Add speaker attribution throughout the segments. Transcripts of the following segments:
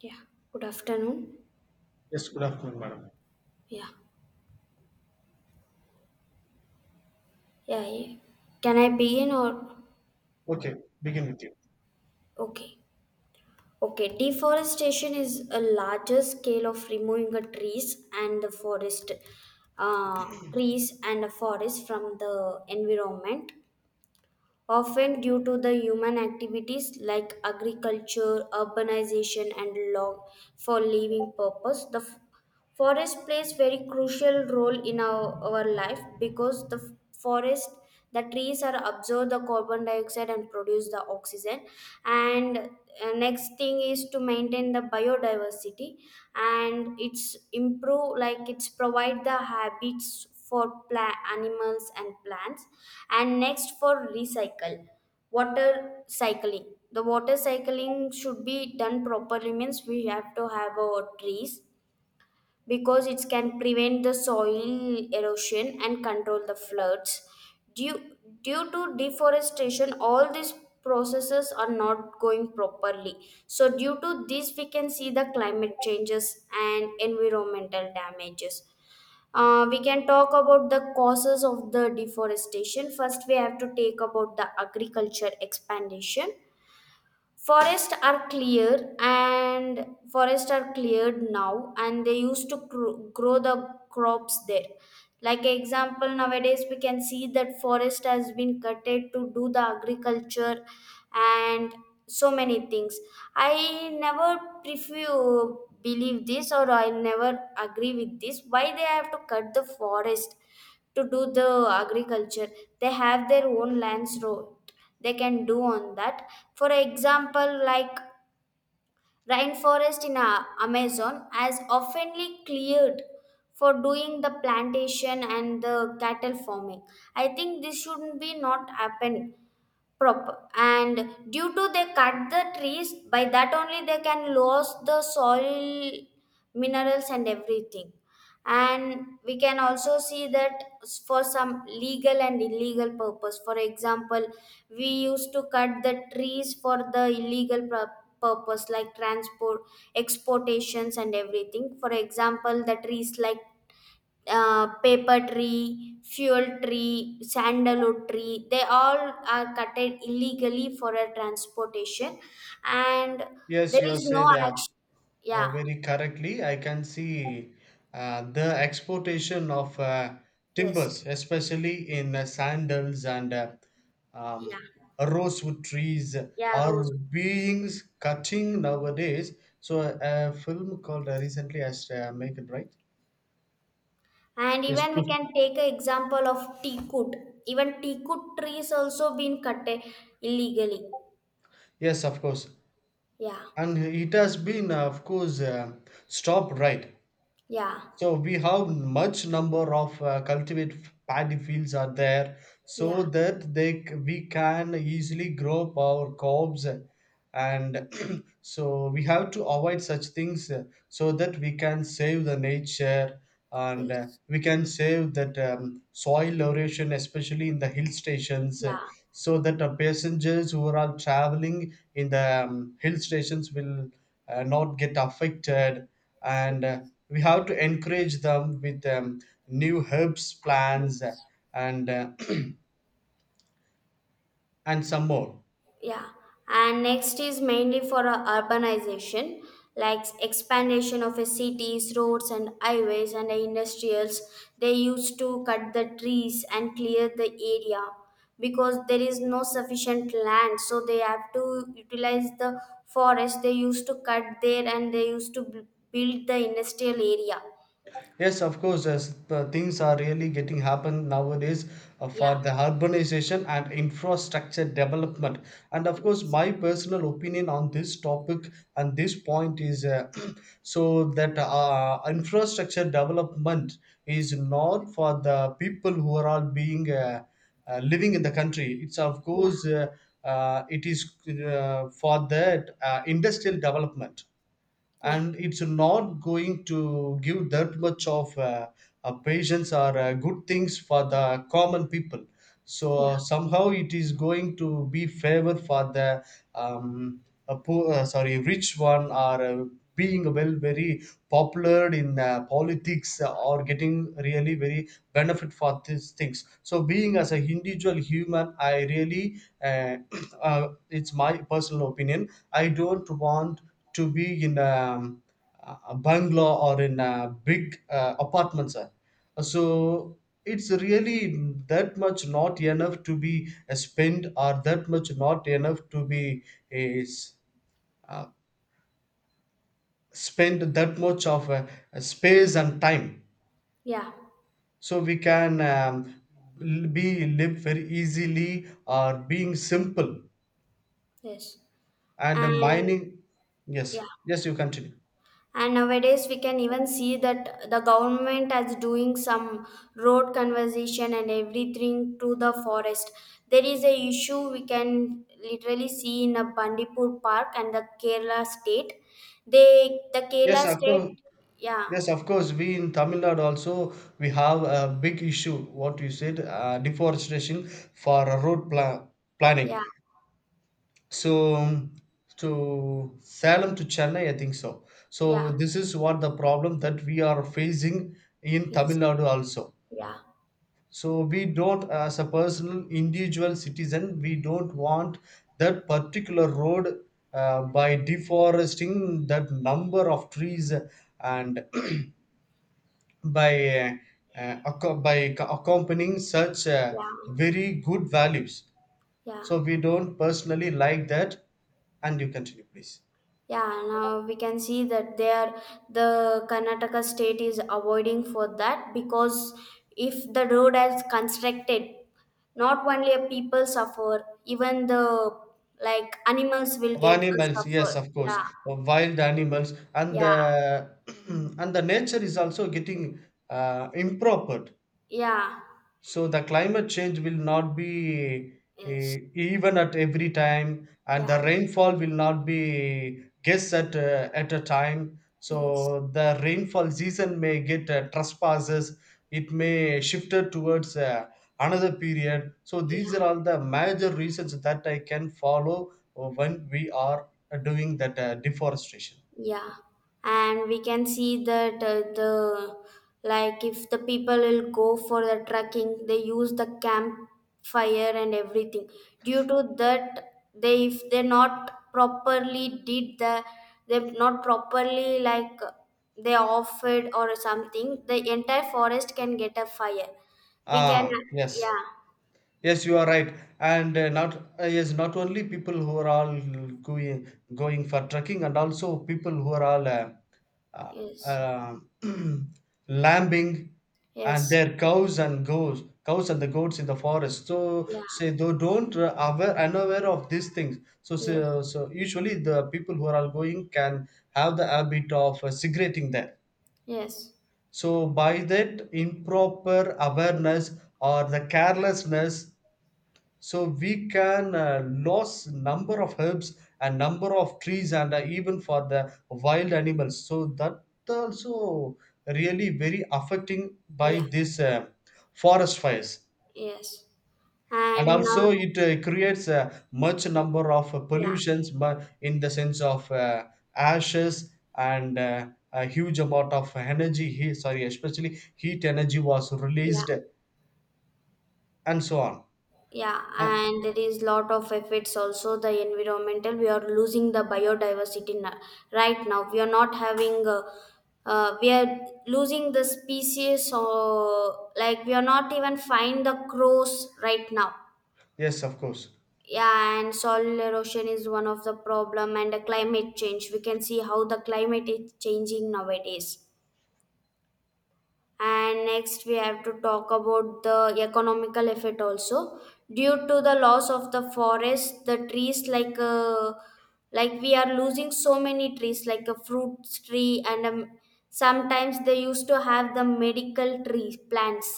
Speaker 1: Yeah, good afternoon.
Speaker 2: Yes, good afternoon, madam.
Speaker 1: Yeah, yeah, yeah. Can I begin or?
Speaker 2: Okay, begin with you.
Speaker 1: Okay, okay. Deforestation is a larger scale of removing the trees and the forest, uh, trees and the forest from the environment often due to the human activities like agriculture, urbanization, and long for living purpose. Forest plays very crucial role in our life because the f- forest the trees are absorb the carbon dioxide and produce the oxygen, and next thing is to maintain the biodiversity, and it's improve like it's provide the habits for animals and plants, and next for recycle water cycling. The water cycling should be done properly means we have to have our trees because it can prevent the soil erosion and control the floods. Due due to deforestation, all these processes are not going properly, so due to this we can see the climate changes and environmental damages. We can talk about the causes of the deforestation. First, we have to take about the agriculture expansion. forests are clear and Forests are cleared now and they used to grow the crops there. Like example, nowadays we can see that forest has been cutted to do the agriculture and so many things. I never prefer believe this, or I never agree with this. Why they have to cut the forest to do the agriculture? They have their own lands road, they can do on that. For example, like rainforest in Amazon has oftenly cleared for doing the plantation and the cattle farming. I think this shouldn't be not happen. Proper, and due to they cut the trees, by that only they can lose the soil minerals and everything. And we can also see that for some legal and illegal purpose. For example, we used to cut the trees for the purpose like transport, exportations, and everything. For example, the trees like paper tree, fuel tree, sandalwood tree. They all are cutted illegally for a transportation, and
Speaker 2: Yes,
Speaker 1: there
Speaker 2: you have
Speaker 1: is no
Speaker 2: said
Speaker 1: action. Yeah.
Speaker 2: very correctly. I can see the exportation of
Speaker 1: Yes.
Speaker 2: timbers, especially in sandals and um,
Speaker 1: Yeah.
Speaker 2: rosewood trees,
Speaker 1: Yeah.
Speaker 2: are
Speaker 1: Rose.
Speaker 2: being cutting nowadays. So, a film called recently, I make it right.
Speaker 1: And
Speaker 2: Yes,
Speaker 1: even we
Speaker 2: please.
Speaker 1: can take an example of teakwood. Even teakwood trees also been cut illegally.
Speaker 2: Yes, of course.
Speaker 1: Yeah.
Speaker 2: And it has been, of course, stopped right.
Speaker 1: Yeah.
Speaker 2: So we have much number of cultivate paddy fields are there, so
Speaker 1: Yeah.
Speaker 2: that we can easily grow up our crops. And so we have to avoid such things, so that we can save the nature, and
Speaker 1: Yes.
Speaker 2: we can save that soil erosion, especially in the hill stations,
Speaker 1: Yeah.
Speaker 2: so that passengers who are all traveling in the hill stations will not get affected,
Speaker 1: Yes.
Speaker 2: and we have to encourage them with new herbs plants,
Speaker 1: Yes.
Speaker 2: and and some more.
Speaker 1: Yeah, and next is mainly for urbanization, like expansion of a cities, roads, and highways, and the industrials. They used to cut the trees and clear the area because there is no sufficient land, so they have to utilize the forest. They used to cut there, and they used to build the industrial area.
Speaker 2: Yes, of course, as the things are really getting happen nowadays,
Speaker 1: Yeah,
Speaker 2: for the urbanization and infrastructure development. And of course,
Speaker 1: yes,
Speaker 2: my personal opinion on this topic and this point is, so that infrastructure development is not for the people who are all being living in the country. It's of
Speaker 1: yeah,
Speaker 2: course, it is, for that industrial development,
Speaker 1: yeah,
Speaker 2: and it's not going to give that much of patience or good things for the common people. So
Speaker 1: yeah,
Speaker 2: somehow it is going to be favor for the um, a poor, sorry, rich one, or being well very popular in politics, or getting really very benefit for these things. So being as an individual human, I really, uh, it's my personal opinion, I don't want to be in a bungalow or in a big apartments. So it's really that much not enough to be spent, or that much not enough to be is, uh, spend that much of space and time.
Speaker 1: yeah,
Speaker 2: So we can, be live very easily, or being simple.
Speaker 1: yes,
Speaker 2: And
Speaker 1: and
Speaker 2: mining. Yes,
Speaker 1: yeah.
Speaker 2: yes, you continue.
Speaker 1: And nowadays we can even see that the government is doing some road conservation and everything to the forest. There is a issue we can literally see in a Bandipur park and the Kerala state. The
Speaker 2: Yes,
Speaker 1: Kerala
Speaker 2: of course.
Speaker 1: state. Yeah.
Speaker 2: Yes, of course, we in Tamil Nadu also, we have a big issue what you said, deforestation for a road planning.
Speaker 1: Yeah.
Speaker 2: So, to Salem to Chennai, I think so. So
Speaker 1: Yeah.
Speaker 2: this is what the problem that we are facing in Tamil
Speaker 1: Yes.
Speaker 2: Nadu also.
Speaker 1: Yeah.
Speaker 2: So we don't, as a personal individual citizen, we don't want that particular road, by deforesting that number of trees, and by accompanying such
Speaker 1: Yeah.
Speaker 2: very good values.
Speaker 1: Yeah.
Speaker 2: So we don't personally like that. And you continue, please.
Speaker 1: Yeah, now we can see that the Karnataka state is avoiding for that because if the road is constructed, not only a people suffer, even the like animals will
Speaker 2: Of
Speaker 1: get a
Speaker 2: animals, yes,
Speaker 1: suffer.
Speaker 2: of course,
Speaker 1: Yeah,
Speaker 2: of wild animals, and
Speaker 1: yeah,
Speaker 2: the and the nature is also getting improper,
Speaker 1: yeah,
Speaker 2: so the climate change will not be,
Speaker 1: yes,
Speaker 2: even at every time, and
Speaker 1: yeah,
Speaker 2: the rainfall will not be guessed at a time,
Speaker 1: yes,
Speaker 2: so the rainfall season may get trespasses, it may shifted towards another period, so these
Speaker 1: yeah.
Speaker 2: are all the major reasons that I can follow, when we are doing that deforestation.
Speaker 1: Yeah, and we can see that the like if the people will go for the trekking, they use the campfire and everything. Due to that, they if they not properly did the they not properly like they off it or something, the entire forest can get a fire. We can.
Speaker 2: Yes.
Speaker 1: Yeah.
Speaker 2: Yes, you are right. And not yes, not only people who are all going going for trekking, and also people who are all uh,
Speaker 1: Yes.
Speaker 2: uh, lambing, and
Speaker 1: Yes.
Speaker 2: their cows and goats, cows and the goats in the forest. So
Speaker 1: Yeah.
Speaker 2: say they don't, aware unaware of these things. So, so
Speaker 1: Yes.
Speaker 2: so usually the people who are all going can have the habit of cigaretting there.
Speaker 1: Yes.
Speaker 2: So by that improper awareness or the carelessness, so we can lose number of herbs and number of trees, and even for the wild animals, so that also really very affecting by
Speaker 1: Yeah.
Speaker 2: this forest fires.
Speaker 1: Yes.
Speaker 2: And
Speaker 1: and.
Speaker 2: also it creates a much number of
Speaker 1: Yeah,
Speaker 2: pollutions, but in the sense of ashes and a huge amount of energy, sorry, especially heat energy was
Speaker 1: yeah,
Speaker 2: released, and so on.
Speaker 1: yeah,
Speaker 2: And
Speaker 1: and there is lot of effects also the environmental. We are losing the right now. We are not having, we are losing the species, or like we are not even find the crows right now.
Speaker 2: yes, of course.
Speaker 1: Yeah, and soil erosion is one of the problem, and the climate change. We can see how the climate is changing nowadays. And next we have to talk about the economical effect also. Due to the loss of the forest, the trees like we are losing so many trees like a fruit tree, and sometimes they used to have the medical tree plants.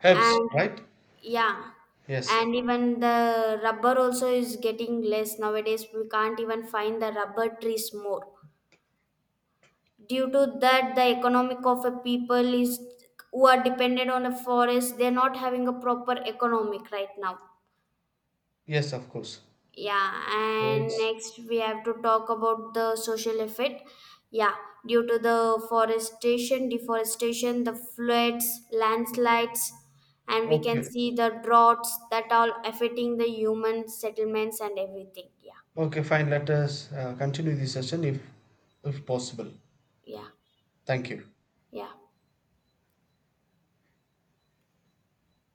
Speaker 2: Herbs,
Speaker 1: And
Speaker 2: right.
Speaker 1: yeah,
Speaker 2: Yes.
Speaker 1: and even the rubber also is getting less nowadays. We can't even find the rubber trees more. Due to that, the economic of a people is, who are dependent on a forest, they're not having a proper economic right now.
Speaker 2: Yes, of course.
Speaker 1: Yeah,
Speaker 2: So
Speaker 1: and
Speaker 2: it's
Speaker 1: next we have to talk about the social effect. Yeah, due to the forestation deforestation, the floods, landslides, and we can
Speaker 2: okay.
Speaker 1: see the droughts, that all affecting the human settlements and everything. Yeah,
Speaker 2: Okay, fine. Let us continue the session, if possible.
Speaker 1: yeah,
Speaker 2: Thank you.
Speaker 1: yeah.